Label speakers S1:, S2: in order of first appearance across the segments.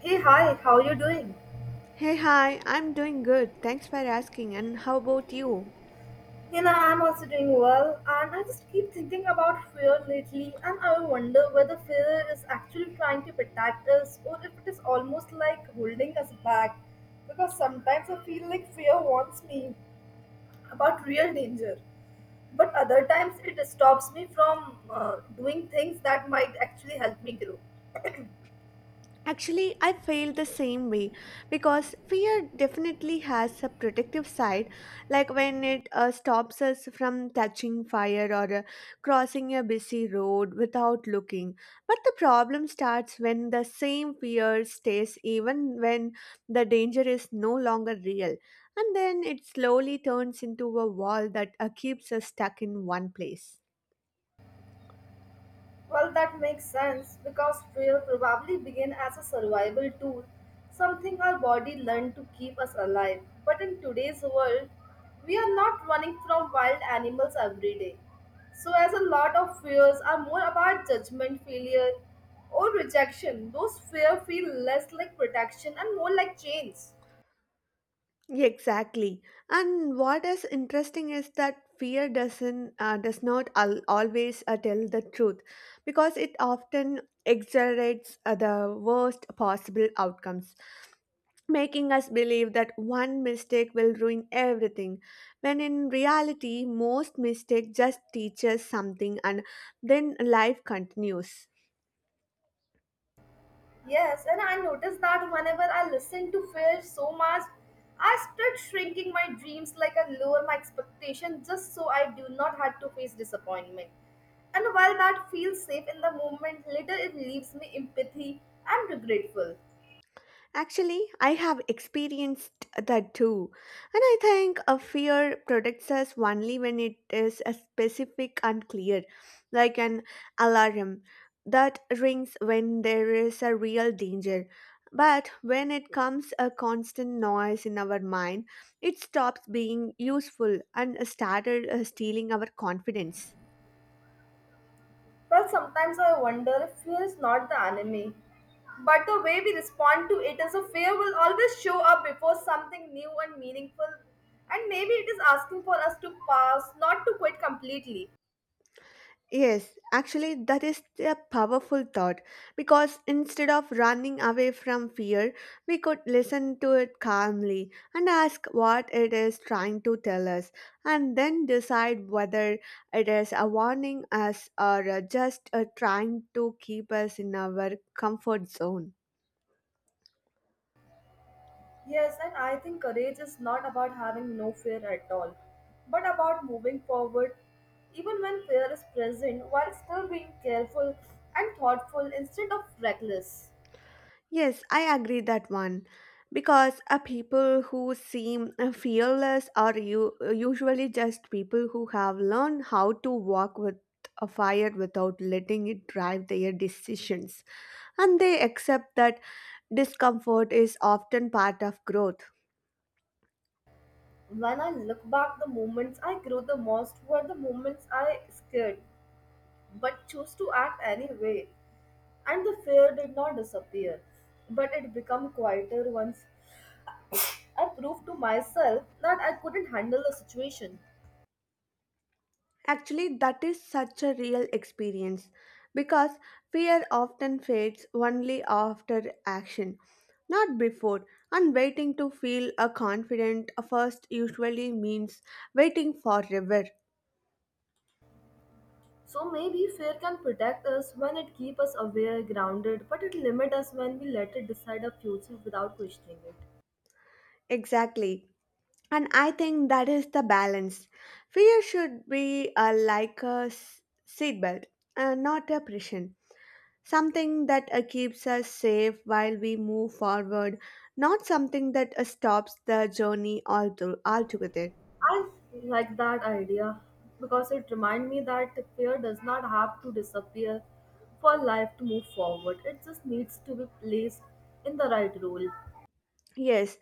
S1: Hey, hi, how you doing?
S2: Hey, hi, I'm doing good. Thanks for asking. And how about you?
S1: You know, I'm also doing well, and I just keep thinking about fear lately, and I wonder whether fear is actually trying to protect us or if it is almost like holding us back. Because sometimes I feel like fear warns me about real danger, but other times it stops me from doing things that might actually help me grow.
S2: Actually, I feel the same way because fear definitely has a protective side, like when it stops us from touching fire or crossing a busy road without looking. But the problem starts when the same fear stays, even when the danger is no longer real. And then it slowly turns into a wall that keeps us stuck in one place.
S1: Well, that makes sense because trail probably began as a survival tool, something our body learned to keep us alive. But in today's world, we are not running from wild animals every day. So, as a lot of fears are more about judgment, failure, or rejection, those fears feel less like protection and more like chains.
S2: Exactly. And what is interesting is that fear does not always tell the truth because it often exaggerates the worst possible outcomes, making us believe that one mistake will ruin everything, when in reality most mistake just teaches something and then life continues.
S1: Yes, and I noticed that whenever I listen to Fish so much, I start shrinking my dreams like I lower my expectation just so I do not have to face disappointment. And while that feels safe in the moment, later it leaves me empathy and regretful.
S2: Actually, I have experienced that too. And I think a fear protects us only when it is a specific and clear, like an alarm that rings when there is a real danger. But when it comes a constant noise in our mind, it stops being useful and started stealing our confidence.
S1: Well, sometimes I wonder if fear is not the enemy, but the way we respond to it as a fear will always show up before something new and meaningful. And maybe it is asking for us to pause, not to quit completely.
S2: Yes, actually, that is a powerful thought because instead of running away from fear, we could listen to it calmly and ask what it is trying to tell us, and then decide whether it is a warning us or just trying to keep us in our comfort zone.
S1: Yes, and I think courage is not about having no fear at all, but about moving forward even when fear is present while still being careful and thoughtful instead of reckless.
S2: Yes, I agree that one. Because people who seem fearless are you, usually just people who have learned how to walk with a fire without letting it drive their decisions. And they accept that discomfort is often part of growth.
S1: When I look back, the moments I grew the most were the moments I scared but chose to act anyway, and the fear did not disappear, but it became quieter once I proved to myself that I couldn't handle the situation.
S2: Actually, that is such a real experience because fear often fades only after action, not before. And waiting to feel a confident first usually means waiting forever.
S1: So maybe fear can protect us when it keeps us aware, grounded, but it limits us when we let it decide our future without questioning it.
S2: Exactly. And I think that is the balance. Fear should be like a seatbelt, not a prison. Something that keeps us safe while we move forward, not something that stops the journey altogether.
S1: I like that idea because it reminds me that fear does not have to disappear for life to move forward. It just needs to be placed in the right role.
S2: Yes,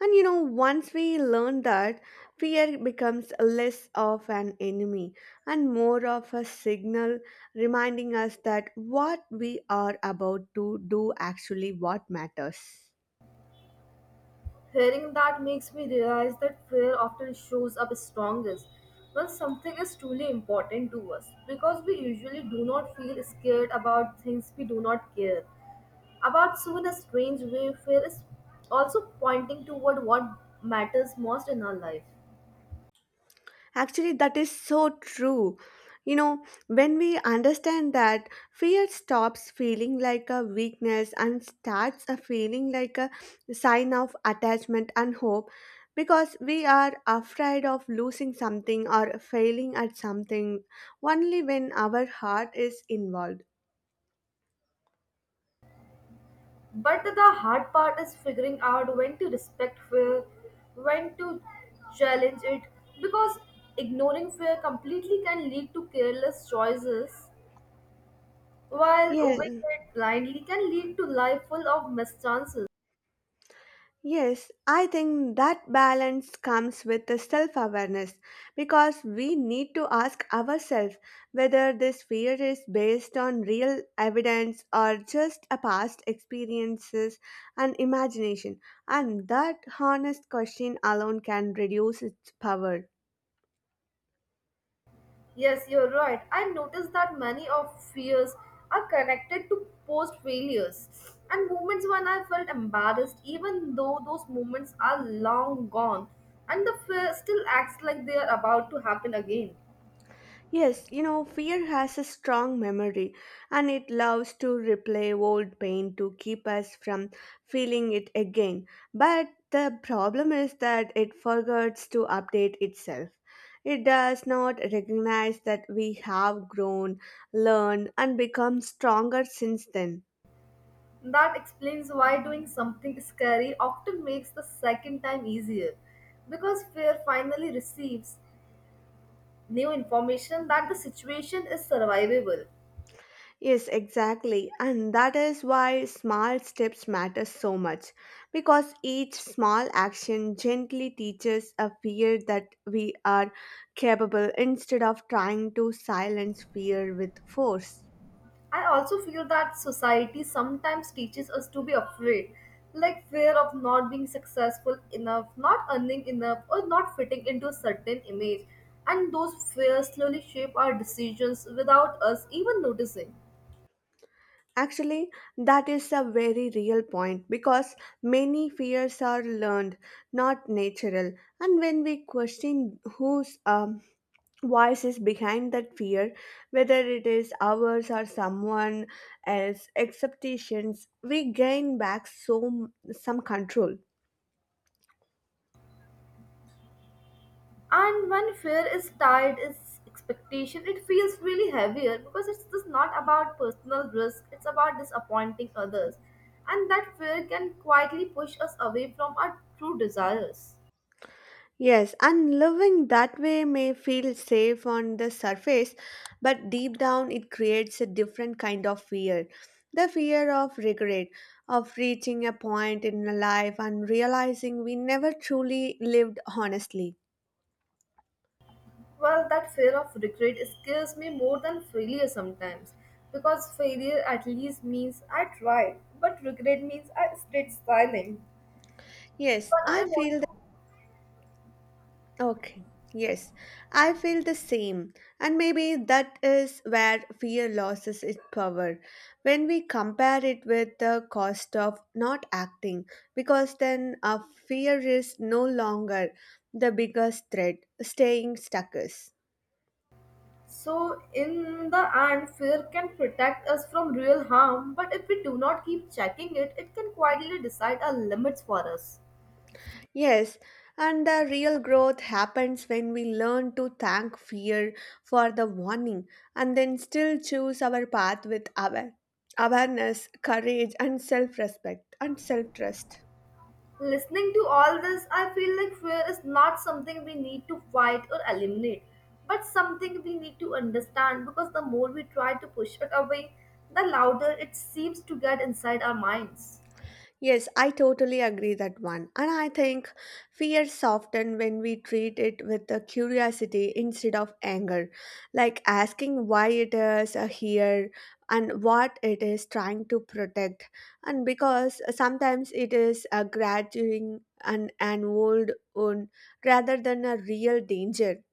S2: and you know, once we learn that, fear becomes less of an enemy and more of a signal reminding us that what we are about to do actually what matters.
S1: Hearing that makes me realize that fear often shows up strongest when something is truly important to us because we usually do not feel scared about things we do not care about soon, a strange way of fear is also pointing toward what matters most in our life.
S2: Actually, that is so true. You know, when we understand that, fear stops feeling like a weakness and starts a feeling like a sign of attachment and hope because we are afraid of losing something or failing at something only when our heart is involved.
S1: But the hard part is figuring out when to respect fear, when to challenge it, because ignoring fear completely can lead to careless choices, while
S2: Yes,
S1: obeying it blindly can lead to life full of mischances.
S2: yes, I think that balance comes with the self awareness because we need to ask ourselves whether this fear is based on real evidence or just a past experiences and imagination, and that honest question alone can reduce its power.
S1: Yes, you're right. I noticed that many of fears are connected to post failures and moments when I felt embarrassed, even though those moments are long gone and the fear still acts like they are about to happen again.
S2: Yes, you know, fear has a strong memory and it loves to replay old pain to keep us from feeling it again. But the problem is that it forgets to update itself. It does not recognize that we have grown, learned, and become stronger since then.
S1: That explains why doing something scary often makes the second time easier because fear finally receives new information that the situation is survivable.
S2: Yes, exactly. And that is why small steps matter so much because each small action gently teaches a fear that we are capable instead of trying to silence fear with force.
S1: I also feel that society sometimes teaches us to be afraid, like fear of not being successful enough, not earning enough, or not fitting into a certain image. And those fears slowly shape our decisions without us even noticing.
S2: Actually, that is a very real point because many fears are learned, not natural. And when we question who's voices behind that fear, whether it is ours or someone else, expectations, we gain back some control.
S1: And when fear is tied is expectation, it feels really heavier because it's just not about personal risk, it's about disappointing others. And that fear can quietly push us away from our true desires.
S2: Yes, and living that way may feel safe on the surface, but deep down it creates a different kind of fear. The fear of regret, of reaching a point in life and realizing we never truly lived honestly.
S1: Well, that fear of regret scares me more than failure sometimes because failure at least means I tried, but regret means I stayed silent.
S2: Yes,
S1: But I
S2: I
S1: want
S2: feel
S1: to.
S2: okay, yes, I feel the same. And maybe that is where fear loses its power when we compare it with the cost of not acting, because then our fear is no longer the biggest threat, staying stuck is.
S1: So, in the end, fear can protect us from real harm, but if we do not keep checking it, it can quietly decide our limits for us.
S2: Yes, and the real growth happens when we learn to thank fear for the warning and then still choose our path with awareness, courage, and self respect and self trust.
S1: Listening to all this, I feel like fear is not something we need to fight or eliminate, but something we need to understand because the more we try to push it away, the louder it seems to get inside our minds.
S2: Yes, I totally agree that one. And I think fear soften when we treat it with a curiosity instead of anger, like asking why it is here and what it is trying to protect. And because sometimes it is a graduating an old wound rather than a real danger.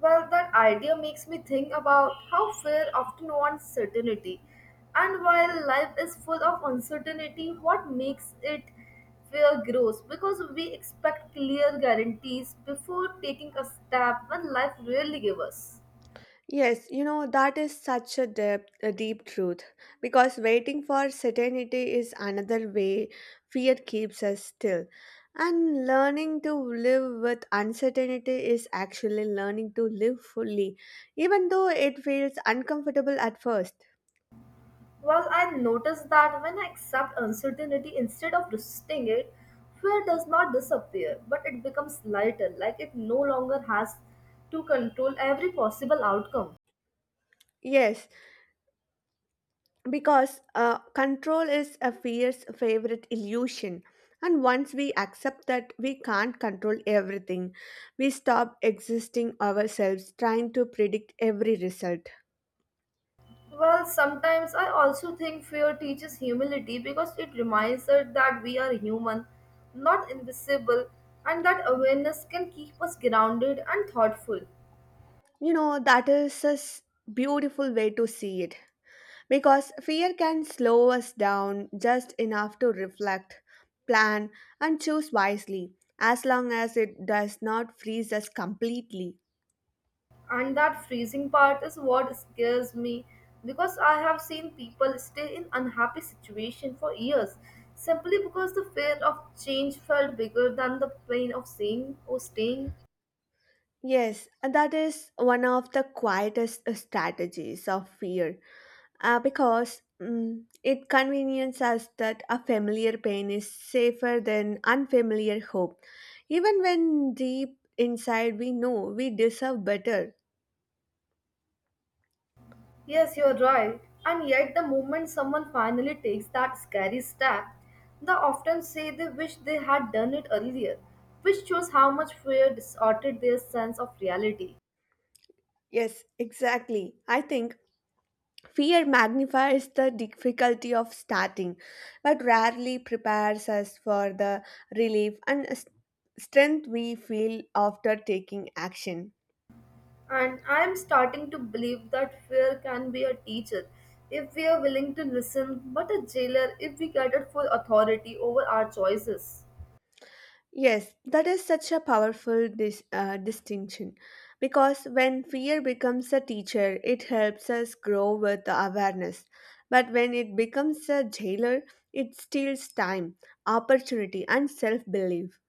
S1: Well, that idea makes me think about how fear often wants certainty. And while life is full of uncertainty, what makes it fear grows? Because we expect clear guarantees before taking a step when life really gives us.
S2: Yes, you know, that is such a deep truth because waiting for certainty is another way fear keeps us still. And learning to live with uncertainty is actually learning to live fully, even though it feels uncomfortable at first.
S1: Well, I noticed that when I accept uncertainty instead of resisting it, fear does not disappear, but it becomes lighter, like it no longer has to control every possible outcome.
S2: Yes, because control is a fear's favorite illusion, and once we accept that we can't control everything, we stop existing ourselves trying to predict every result.
S1: Well, sometimes I also think fear teaches humility because it reminds us that we are human, not invisible, and that awareness can keep us grounded and thoughtful.
S2: You know, that is a beautiful way to see it because fear can slow us down just enough to reflect, plan, and choose wisely, as long as it does not freeze us completely.
S1: And that freezing part is what scares me because I have seen people stay in unhappy situation for years simply because the fear of change felt bigger than the pain of staying or staying.
S2: Yes, and that is one of the quietest strategies of fear, because it conveniences us that a familiar pain is safer than unfamiliar hope. Even when deep inside we know we deserve better.
S1: Yes, you're right, and yet the moment someone finally takes that scary step, they often say they wish they had done it earlier, which shows how much fear distorted their sense of reality.
S2: Yes, exactly. I think fear magnifies the difficulty of starting, but rarely prepares us for the relief and strength we feel after taking action.
S1: And I'm starting to believe that fear can be a teacher if we are willing to listen, but a jailer if we cater for authority over our choices.
S2: Yes, that is such a powerful distinction because when fear becomes a teacher, it helps us grow with the awareness. But when it becomes a jailer, it steals time, opportunity, and self belief.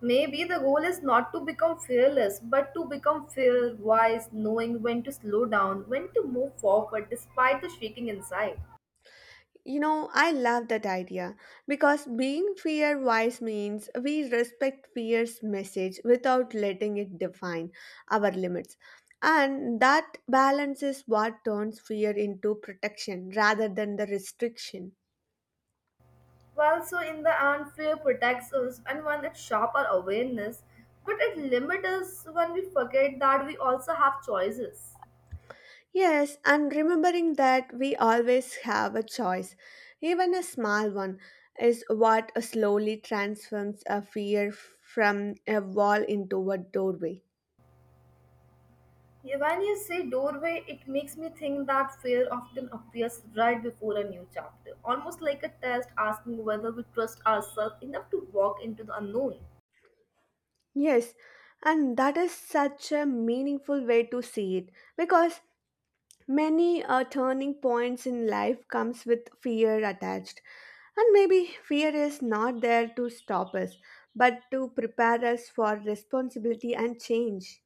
S1: Maybe the goal is not to become fearless, but to become fear wise, knowing when to slow down, when to move forward despite the shrieking inside.
S2: You know, I love that idea because being fear wise means we respect fear's message without letting it define our limits. And that balance is what turns fear into protection rather than the restriction.
S1: Well, so in the end, fear protects us, and when it sharp our awareness, but it limits us when we forget that we also have choices.
S2: Yes, and remembering that we always have a choice, even a small one, is what slowly transforms a fear from a wall into a doorway.
S1: Yeah, when you say doorway, it makes me think that fear often appears right before a new chapter, almost like a test asking whether we trust ourselves enough to walk into the unknown.
S2: Yes, and that is such a meaningful way to see it because many turning points in life comes with fear attached. And maybe fear is not there to stop us, but to prepare us for responsibility and change.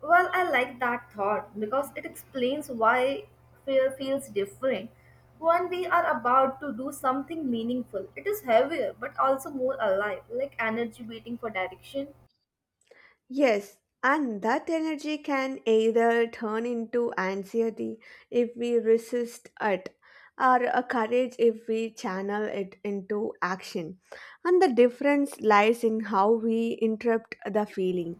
S1: Well, I like that thought because it explains why fear feels different. When we are about to do something meaningful, it is heavier but also more alive, like energy waiting for direction.
S2: Yes, and that energy can either turn into anxiety if we resist it, or a courage if we channel it into action. And the difference lies in how we interrupt the feeling.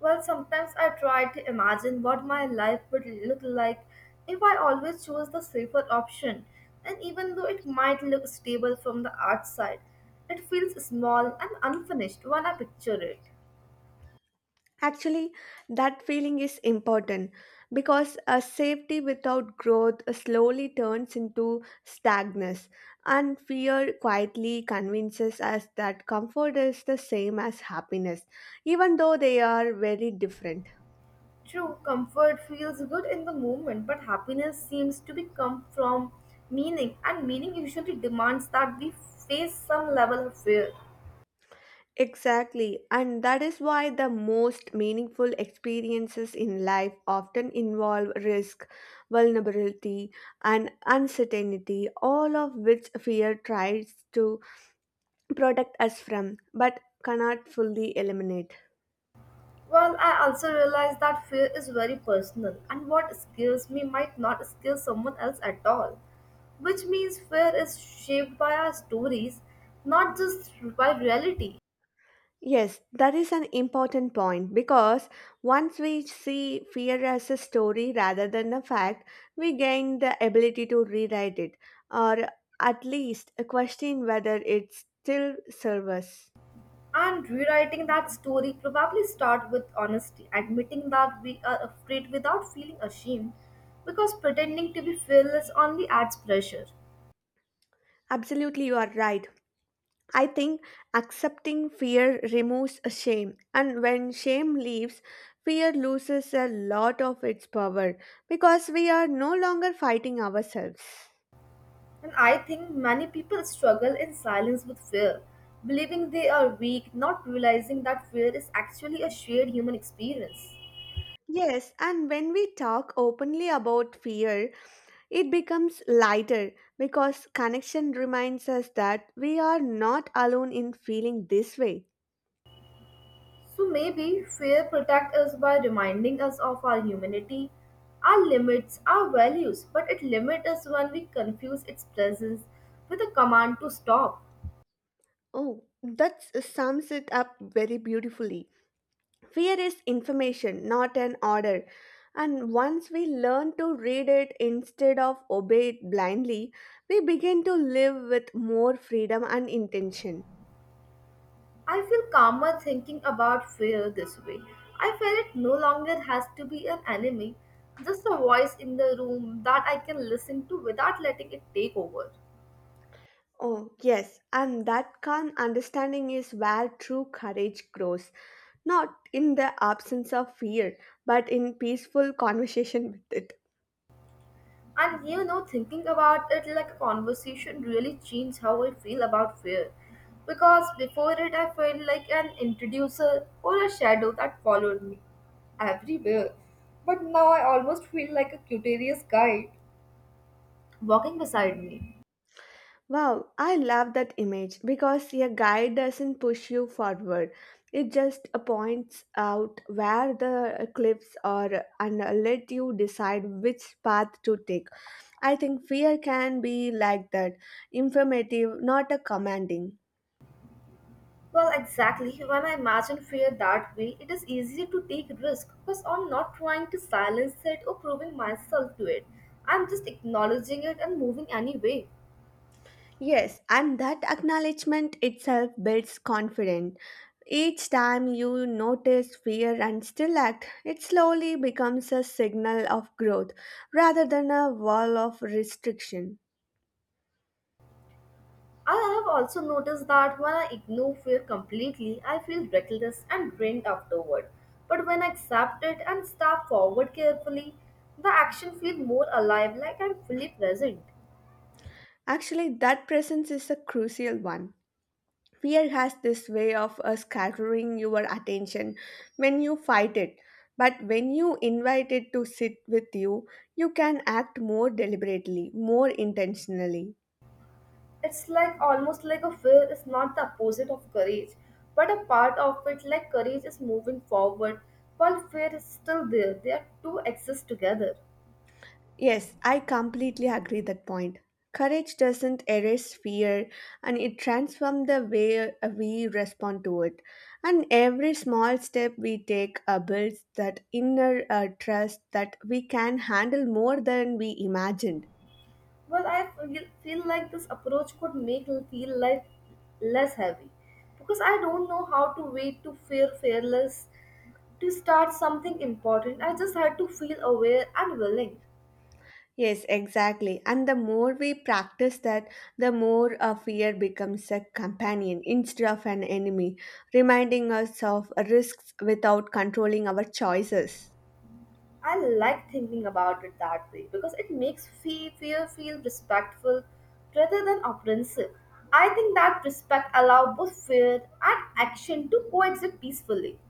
S1: Well, sometimes I try to imagine what my life would look like if I always chose the safer option. And even though it might look stable from the outside, it feels small and unfinished when I picture it.
S2: Actually, that feeling is important because a safety without growth slowly turns into stagnance, and fear quietly convinces us that comfort is the same as happiness, even though they are very different.
S1: True, comfort feels good in the moment, but happiness seems to be come from meaning, and meaning usually demands that we face some level of fear.
S2: Exactly, and that is why the most meaningful experiences in life often involve risk, vulnerability, and uncertainty, all of which fear tries to protect us from but cannot fully eliminate.
S1: Well, I also realize that fear is very personal, and what scares me might not scare someone else at all. Which means fear is shaped by our stories, not just by reality.
S2: Yes, that is an important point because once we see fear as a story rather than a fact, we gain the ability to rewrite it or at least question whether it still serves us.
S1: And rewriting that story probably start with honesty, admitting that we are afraid without feeling ashamed, because pretending to be fearless only adds pressure.
S2: Absolutely, you are right. I think accepting fear removes a shame, and when shame leaves, fear loses a lot of its power because we are no longer fighting ourselves.
S1: And I think many people struggle in silence with fear, believing they are weak, not realizing that fear is actually a shared human experience.
S2: Yes, and when we talk openly about fear, it becomes lighter because connection reminds us that we are not alone in feeling this way.
S1: So maybe fear protects us by reminding us of our humanity, our limits, our values, but it limits us when we confuse its presence with a command to stop.
S2: Oh, that sums it up very beautifully. Fear is information, not an order. And once we learn to read it instead of obey it blindly, we begin to live with more freedom and intention.
S1: I feel calmer thinking about fear this way. I feel it no longer has to be an enemy, just a voice in the room that I can listen to without letting it take over.
S2: Oh, yes, and that calm understanding is where true courage grows, not in the absence of fear, but in peaceful conversation with it.
S1: And you know, thinking about it like a conversation really changed how I feel about fear. Because before it, I felt like an introducer or a shadow that followed me everywhere. But now I almost feel like a curious guide walking beside me.
S2: Wow, I love that image because a guide doesn't push you forward. It just points out where the cliffs are and let you decide which path to take. I think fear can be like that, informative, not a commanding.
S1: Well, exactly. When I imagine fear that way, it is easier to take risk because I'm not trying to silence it or proving myself to it. I'm just acknowledging it and moving anyway.
S2: Yes, and that acknowledgement itself builds confidence. Each time you notice fear and still act, it slowly becomes a signal of growth rather than a wall of restriction.
S1: I have also noticed that when I ignore fear completely, I feel reckless and drained afterward. But when I accept it and step forward carefully, the action feels more alive, like I'm fully present.
S2: Actually, that presence is a crucial one. Fear has this way of scattering your attention when you fight it. But when you invite it to sit with you, you can act more deliberately, more intentionally.
S1: It's like almost like a fear is not the opposite of courage, but a part of it, like courage is moving forward while fear is still there. They are two exist together.
S2: Yes, I completely agree that point. Courage doesn't erase fear and it transforms the way we respond to it. And every small step we take builds that inner trust that we can handle more than we imagined.
S1: Well, I feel like this approach could make feel life less heavy because I don't know how to wait to feel fearless to start something important. I just had to feel aware and willing.
S2: Yes, exactly. And the more we practice that, the more a fear becomes a companion instead of an enemy, reminding us of risks without controlling our choices.
S1: I like thinking about it that way because it makes fear feel respectful rather than oppressive. I think that respect allows both fear and action to coexist peacefully.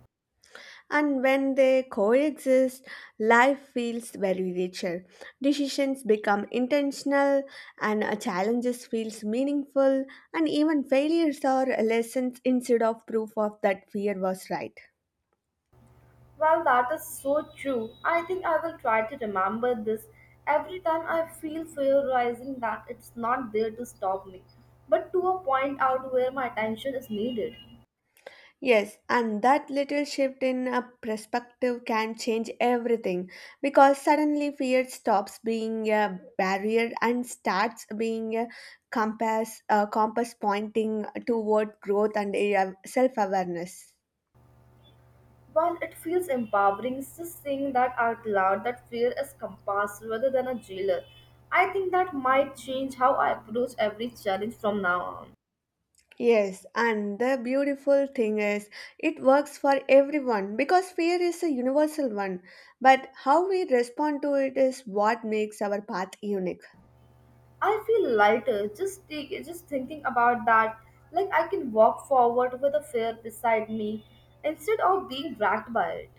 S2: And when they coexist, life feels very richer. Decisions become intentional, and challenges feels meaningful, and even failures are lessons instead of proof of that fear was right.
S1: Well, that is so true. I think I will try to remember this every time I feel fear rising that it's not there to stop me, but to a point out where my attention is needed.
S2: Yes, and that little shift in a perspective can change everything because suddenly fear stops being a barrier and starts being a compass pointing toward growth and self awareness.
S1: While it feels empowering, it's just saying that out loud that fear is compass rather than a jailer. I think that might change how I approach every challenge from now on.
S2: Yes, and the beautiful thing is it works for everyone because fear is a universal one, but how we respond to it is what makes our path unique.
S1: I feel lighter just thinking about that. Like I can walk forward with a fear beside me instead of being dragged by it.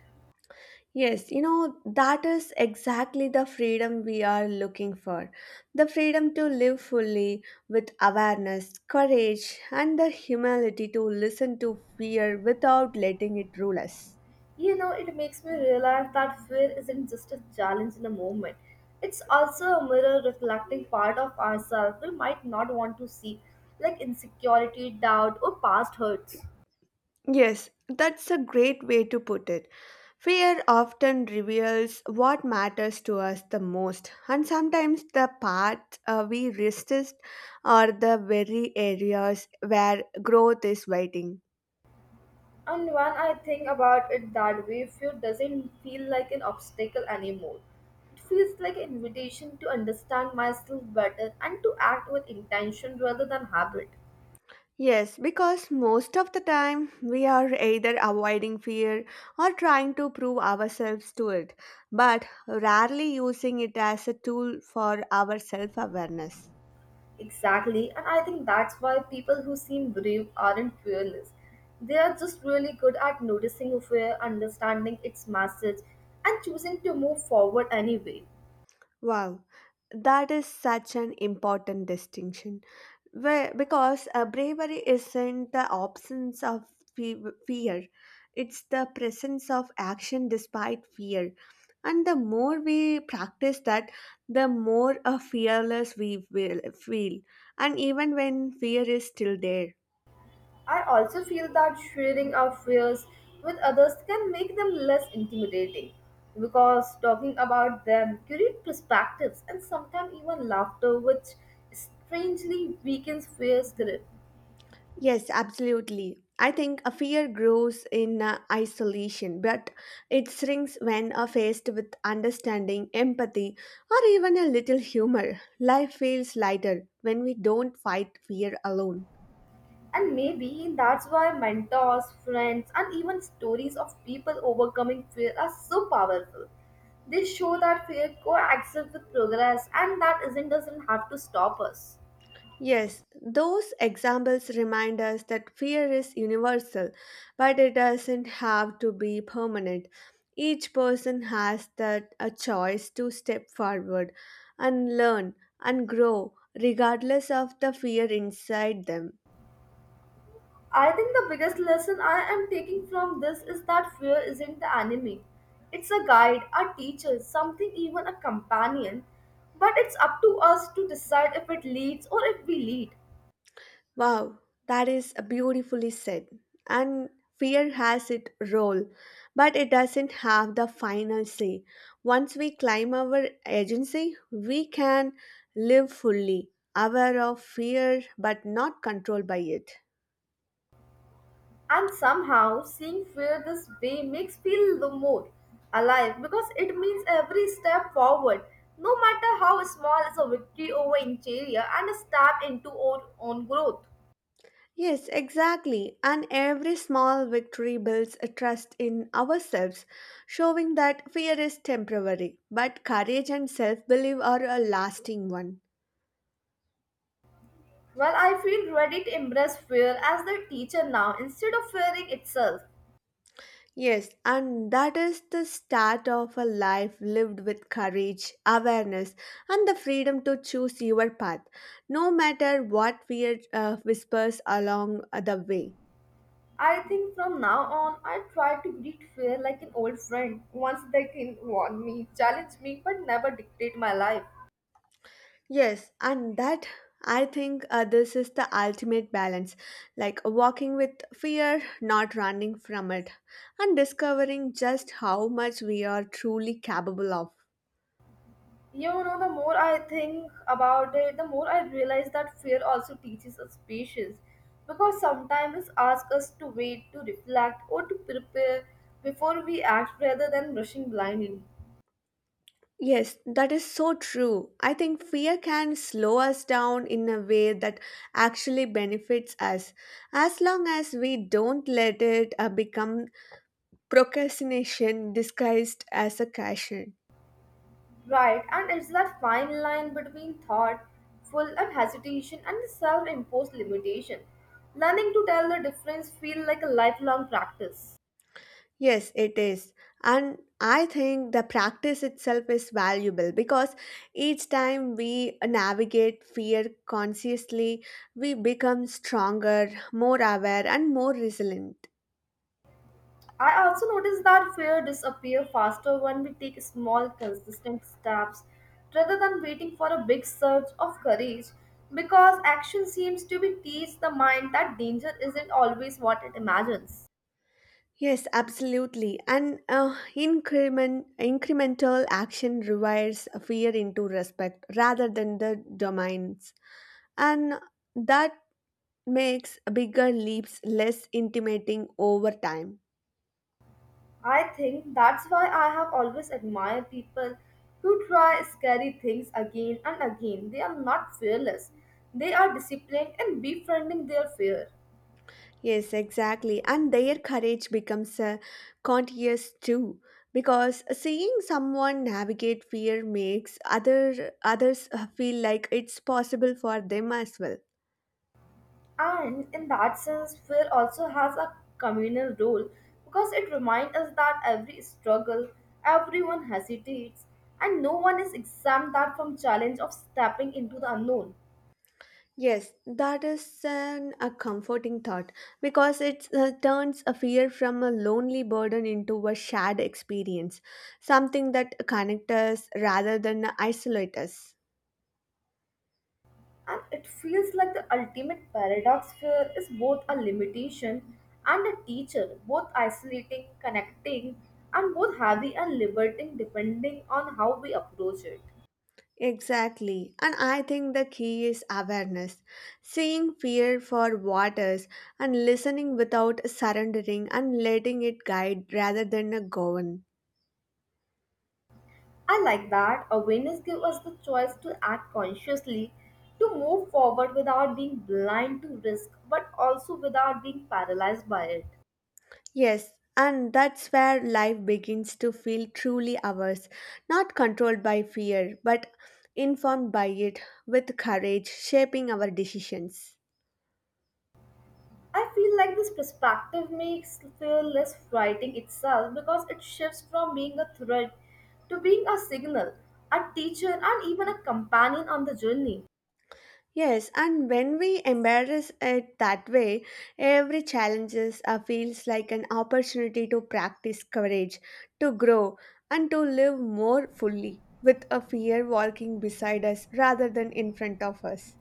S2: Yes, you know, that is exactly the freedom we are looking for. The freedom to live fully with awareness, courage, and the humility to listen to fear without letting it rule us.
S1: You know, it makes me realize that fear isn't just a challenge in a moment. It's also a mirror reflecting part of ourselves we might not want to see, like insecurity, doubt, or past hurts.
S2: Yes, that's a great way to put it. Fear often reveals what matters to us the most, and sometimes the path we resist are the very areas where growth is waiting.
S1: And when I think about it that way, fear doesn't feel like an obstacle anymore. It feels like an invitation to understand myself better and to act with intention rather than habit.
S2: Yes, because most of the time we are either avoiding fear or trying to prove ourselves to it, but rarely using it as a tool for our self awareness.
S1: Exactly, and I think that's why people who seem brave aren't fearless. They are just really good at noticing a fear, understanding its message, and choosing to move forward anyway.
S2: Wow, that is such an important distinction. Where, because bravery isn't the absence of fe- fear, it's the presence of action despite fear. And the more we practice that, the more fearless we will feel, and even when fear is still there.
S1: I also feel that sharing our fears with others can make them less intimidating because talking about them creates perspectives and sometimes even laughter, which strangely weakens fear's grip.
S2: Yes, absolutely. I think a fear grows in isolation, but it shrinks when faced with understanding, empathy, or even a little humor. Life feels lighter when we don't fight fear alone.
S1: And maybe that's why mentors, friends, and even stories of people overcoming fear are so powerful. They show that fear coexists with progress and that isn't doesn't have to stop us.
S2: Yes, those examples remind us that fear is universal, but it doesn't have to be permanent. Each person has that a choice to step forward and learn and grow regardless of the fear inside them.
S1: I think the biggest lesson I am taking from this is that fear isn't the enemy. It's a guide, a teacher, something even a companion. But it's up to us to decide if it leads or if we lead.
S2: Wow, that is beautifully said. And fear has its role, but it doesn't have the final say. Once we climb our agency, we can live fully, aware of fear but not controlled by it.
S1: And somehow, seeing fear this way makes feel the more alive because it means every step forward, no matter how small, is a victory over inferior and a step into our own growth.
S2: Yes, exactly. And every small victory builds a trust in ourselves, showing that fear is temporary, but courage and self belief are a lasting one.
S1: Well, I feel ready to embrace fear as their teacher now instead of fearing itself.
S2: Yes, and that is the start of a life lived with courage, awareness, and the freedom to choose your path, no matter what fear whispers along the way.
S1: I think from now on, I try to greet fear like an old friend, once they can warn me, challenge me, but never dictate my life.
S2: Yes, and that I think this is the ultimate balance like walking with fear, not running from it, and discovering just how much we are truly capable of.
S1: Yeah, you know, the more I think about it, the more I realize that fear also teaches us patience because sometimes it asks us to wait, to reflect, or to prepare before we act rather than rushing blindly.
S2: Yes, that is so true. I think fear can slow us down in a way that actually benefits us. As long as we don't let it become procrastination disguised as a caution.
S1: Right, and it's that fine line between thoughtful and hesitation and the self imposed limitation. Learning to tell the difference feels like a lifelong practice.
S2: Yes, it is. And I think the practice itself is valuable because each time we navigate fear consciously, we become stronger, more aware, and more resilient.
S1: I also noticed that fear disappears faster when we take small consistent steps rather than waiting for a big surge of courage because action seems to be teach the mind that danger isn't always what it imagines.
S2: Yes, absolutely. And incremental action rewires fear into respect rather than the domains. And that makes bigger leaps less intimidating over time.
S1: I think that's why I have always admired people who try scary things again and again. They are not fearless. They are disciplined in befriending their fear.
S2: Yes, exactly. And their courage becomes conscious too. Because seeing someone navigate fear makes other others feel like it's possible for them as well.
S1: And in that sense, fear also has a communal role because it reminds us that every struggle, everyone hesitates, and no one is exempt that from challenge of stepping into the unknown.
S2: Yes, that is a comforting thought because it turns a fear from a lonely burden into a shared experience, something that connects us rather than isolates. Us.
S1: And it feels like the ultimate paradox fear is both a limitation and a teacher, both isolating, connecting, and both heavy and liberating depending on how we approach it.
S2: Exactly, and I think the key is awareness, seeing fear for what is, and listening without surrendering and letting it guide rather than govern.
S1: I like that. Awareness gives us the choice to act consciously, to move forward without being blind to risk, but also without being paralyzed by it.
S2: Yes, and that's where life begins to feel truly ours, not controlled by fear, but informed by it, with courage, shaping our decisions.
S1: I feel like this perspective makes fear less frightening itself because it shifts from being a threat to being a signal, a teacher, and even a companion on the journey.
S2: Yes, and when we embrace it that way, every challenge feels like an opportunity to practice courage, to grow, and to live more fully, with a fear walking beside us rather than in front of us.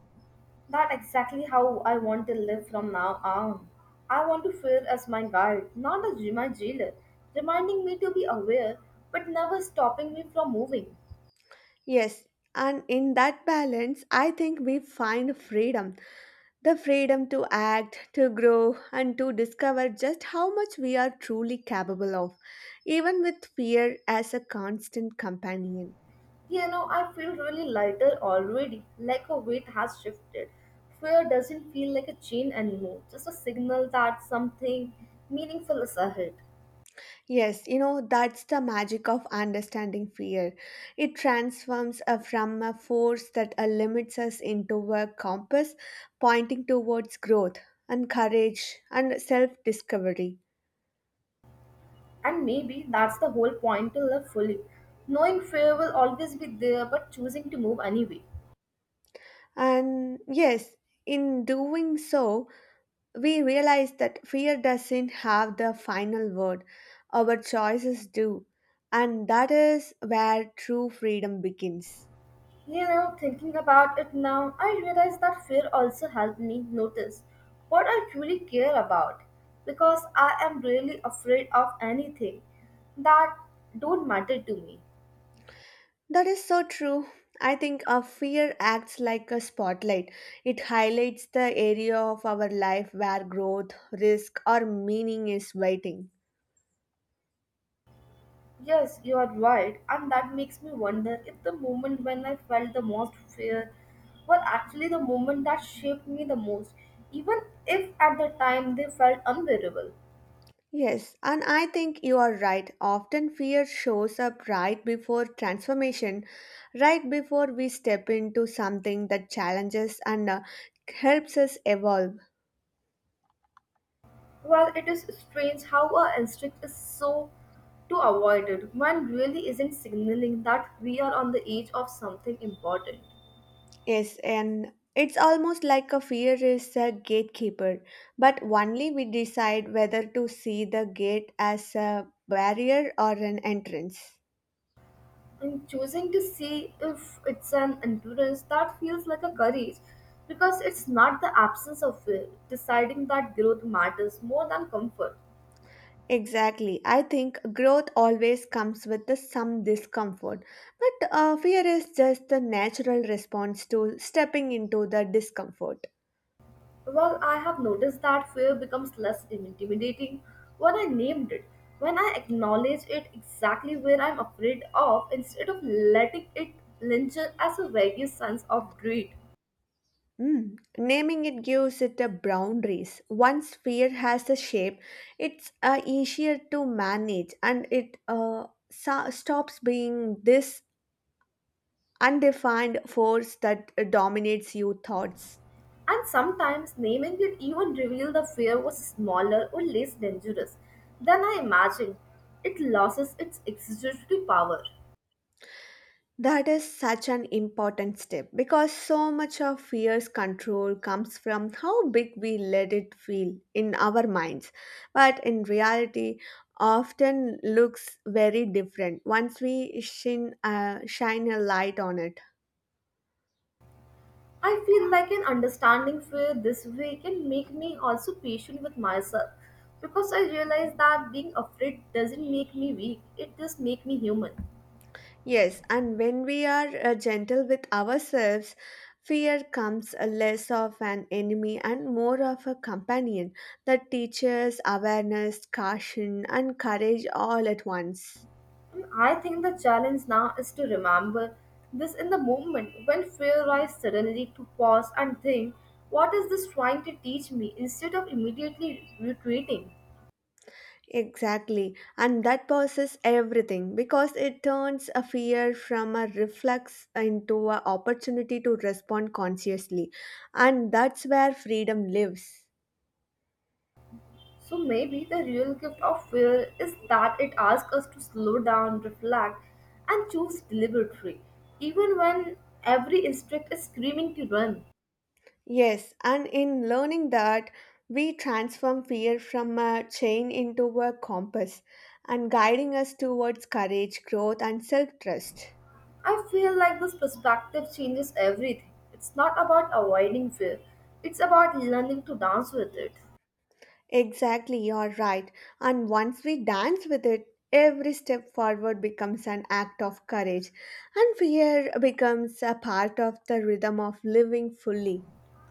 S1: That's exactly how I want to live from now on. I want to fear as my guide, not as my jailer, reminding me to be aware but never stopping me from moving.
S2: Yes, and in that balance, I think we find freedom the freedom to act, to grow, and to discover just how much we are truly capable of, even with fear as a constant companion.
S1: You know, I feel really lighter already, like a weight has shifted. Fear doesn't feel like a chain anymore, just a signal that something meaningful is ahead.
S2: Yes, you know, that's the magic of understanding fear. It transforms us from a force that limits us into a compass pointing towards growth and courage and self discovery.
S1: And maybe that's the whole point to live fully. Knowing fear will always be there, but choosing to move anyway.
S2: And yes, in doing so, we realize that fear doesn't have the final word, our choices do. And that is where true freedom begins.
S1: You know, thinking about it now, I realize that fear also helped me notice what I truly care about because I am really afraid of anything that don't matter to me.
S2: That is so true. I think our fear acts like a spotlight. It highlights the area of our life where growth, risk, or meaning is waiting.
S1: Yes, you are right, and that makes me wonder if the moment when I felt the most fear were actually the moment that shaped me the most, even if at the time they felt unbearable.
S2: Yes, and I think you are right. Often fear shows up right before transformation, right before we step into something that challenges and helps us evolve.
S1: Well, it is strange how our instinct is so to avoid it when really isn't signaling that we are on the edge of something important.
S2: Yes, and it's almost like a fear is a gatekeeper, but only we decide whether to see the gate as a barrier or an entrance.
S1: And choosing to see if it's an endurance that feels like a courage because it's not the absence of will, deciding that growth matters more than comfort.
S2: Exactly. I think growth always comes with the some discomfort, but fear is just the natural response to stepping into the discomfort.
S1: Well, I have noticed that fear becomes less intimidating when I named it, when I acknowledge it exactly where I'm afraid of instead of letting it linger as a vague sense of dread.
S2: Mm. Naming it gives it a boundaries. Once fear has a shape, it's easier to manage, and it stops being this undefined force that dominates your thoughts.
S1: And sometimes naming it even revealed the fear was smaller or less dangerous than I imagined. It loses its exaggerated power.
S2: That is such an important step because so much of fear's control comes from how big we let it feel in our minds, but in reality, often looks very different once we shine a light on it.
S1: I feel like an understanding fear this way can make me also patient with myself because I realize that being afraid doesn't make me weak, it just makes me human.
S2: Yes, and when we are gentle with ourselves, fear comes less of an enemy and more of a companion that teaches awareness, caution, and courage all at once.
S1: And I think the challenge now is to remember this in the moment when fear rises suddenly to pause and think, what is this trying to teach me instead of immediately retreating?
S2: Exactly. And that pauses everything because it turns a fear from a reflex into an opportunity to respond consciously. And that's where freedom lives.
S1: So maybe the real gift of fear is that it asks us to slow down, reflect, and choose deliberately, even when every instinct is screaming to run.
S2: Yes, and in learning that, we transform fear from a chain into a compass and guiding us towards courage, growth, and self trust.
S1: I feel like this perspective changes everything. It's not about avoiding fear, it's about learning to dance with it.
S2: Exactly, you're right. And once we dance with it, every step forward becomes an act of courage, and fear becomes a part of the rhythm of living fully.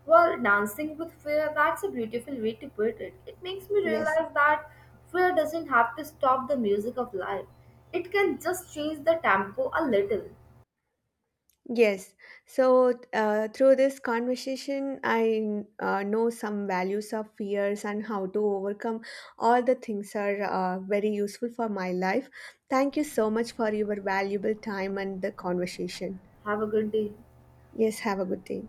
S1: Well, dancing with fear, that's a beautiful way to put it. It makes me
S2: Yes,
S1: realize that fear doesn't have to stop the music of life, it can just change the tempo a little.
S2: yes. So, through this conversation, I know some values of fears and how to overcome all the things are very useful for my life. Thank you so much for your valuable time and the conversation.
S1: Have a good day.
S2: Yes, have a good day.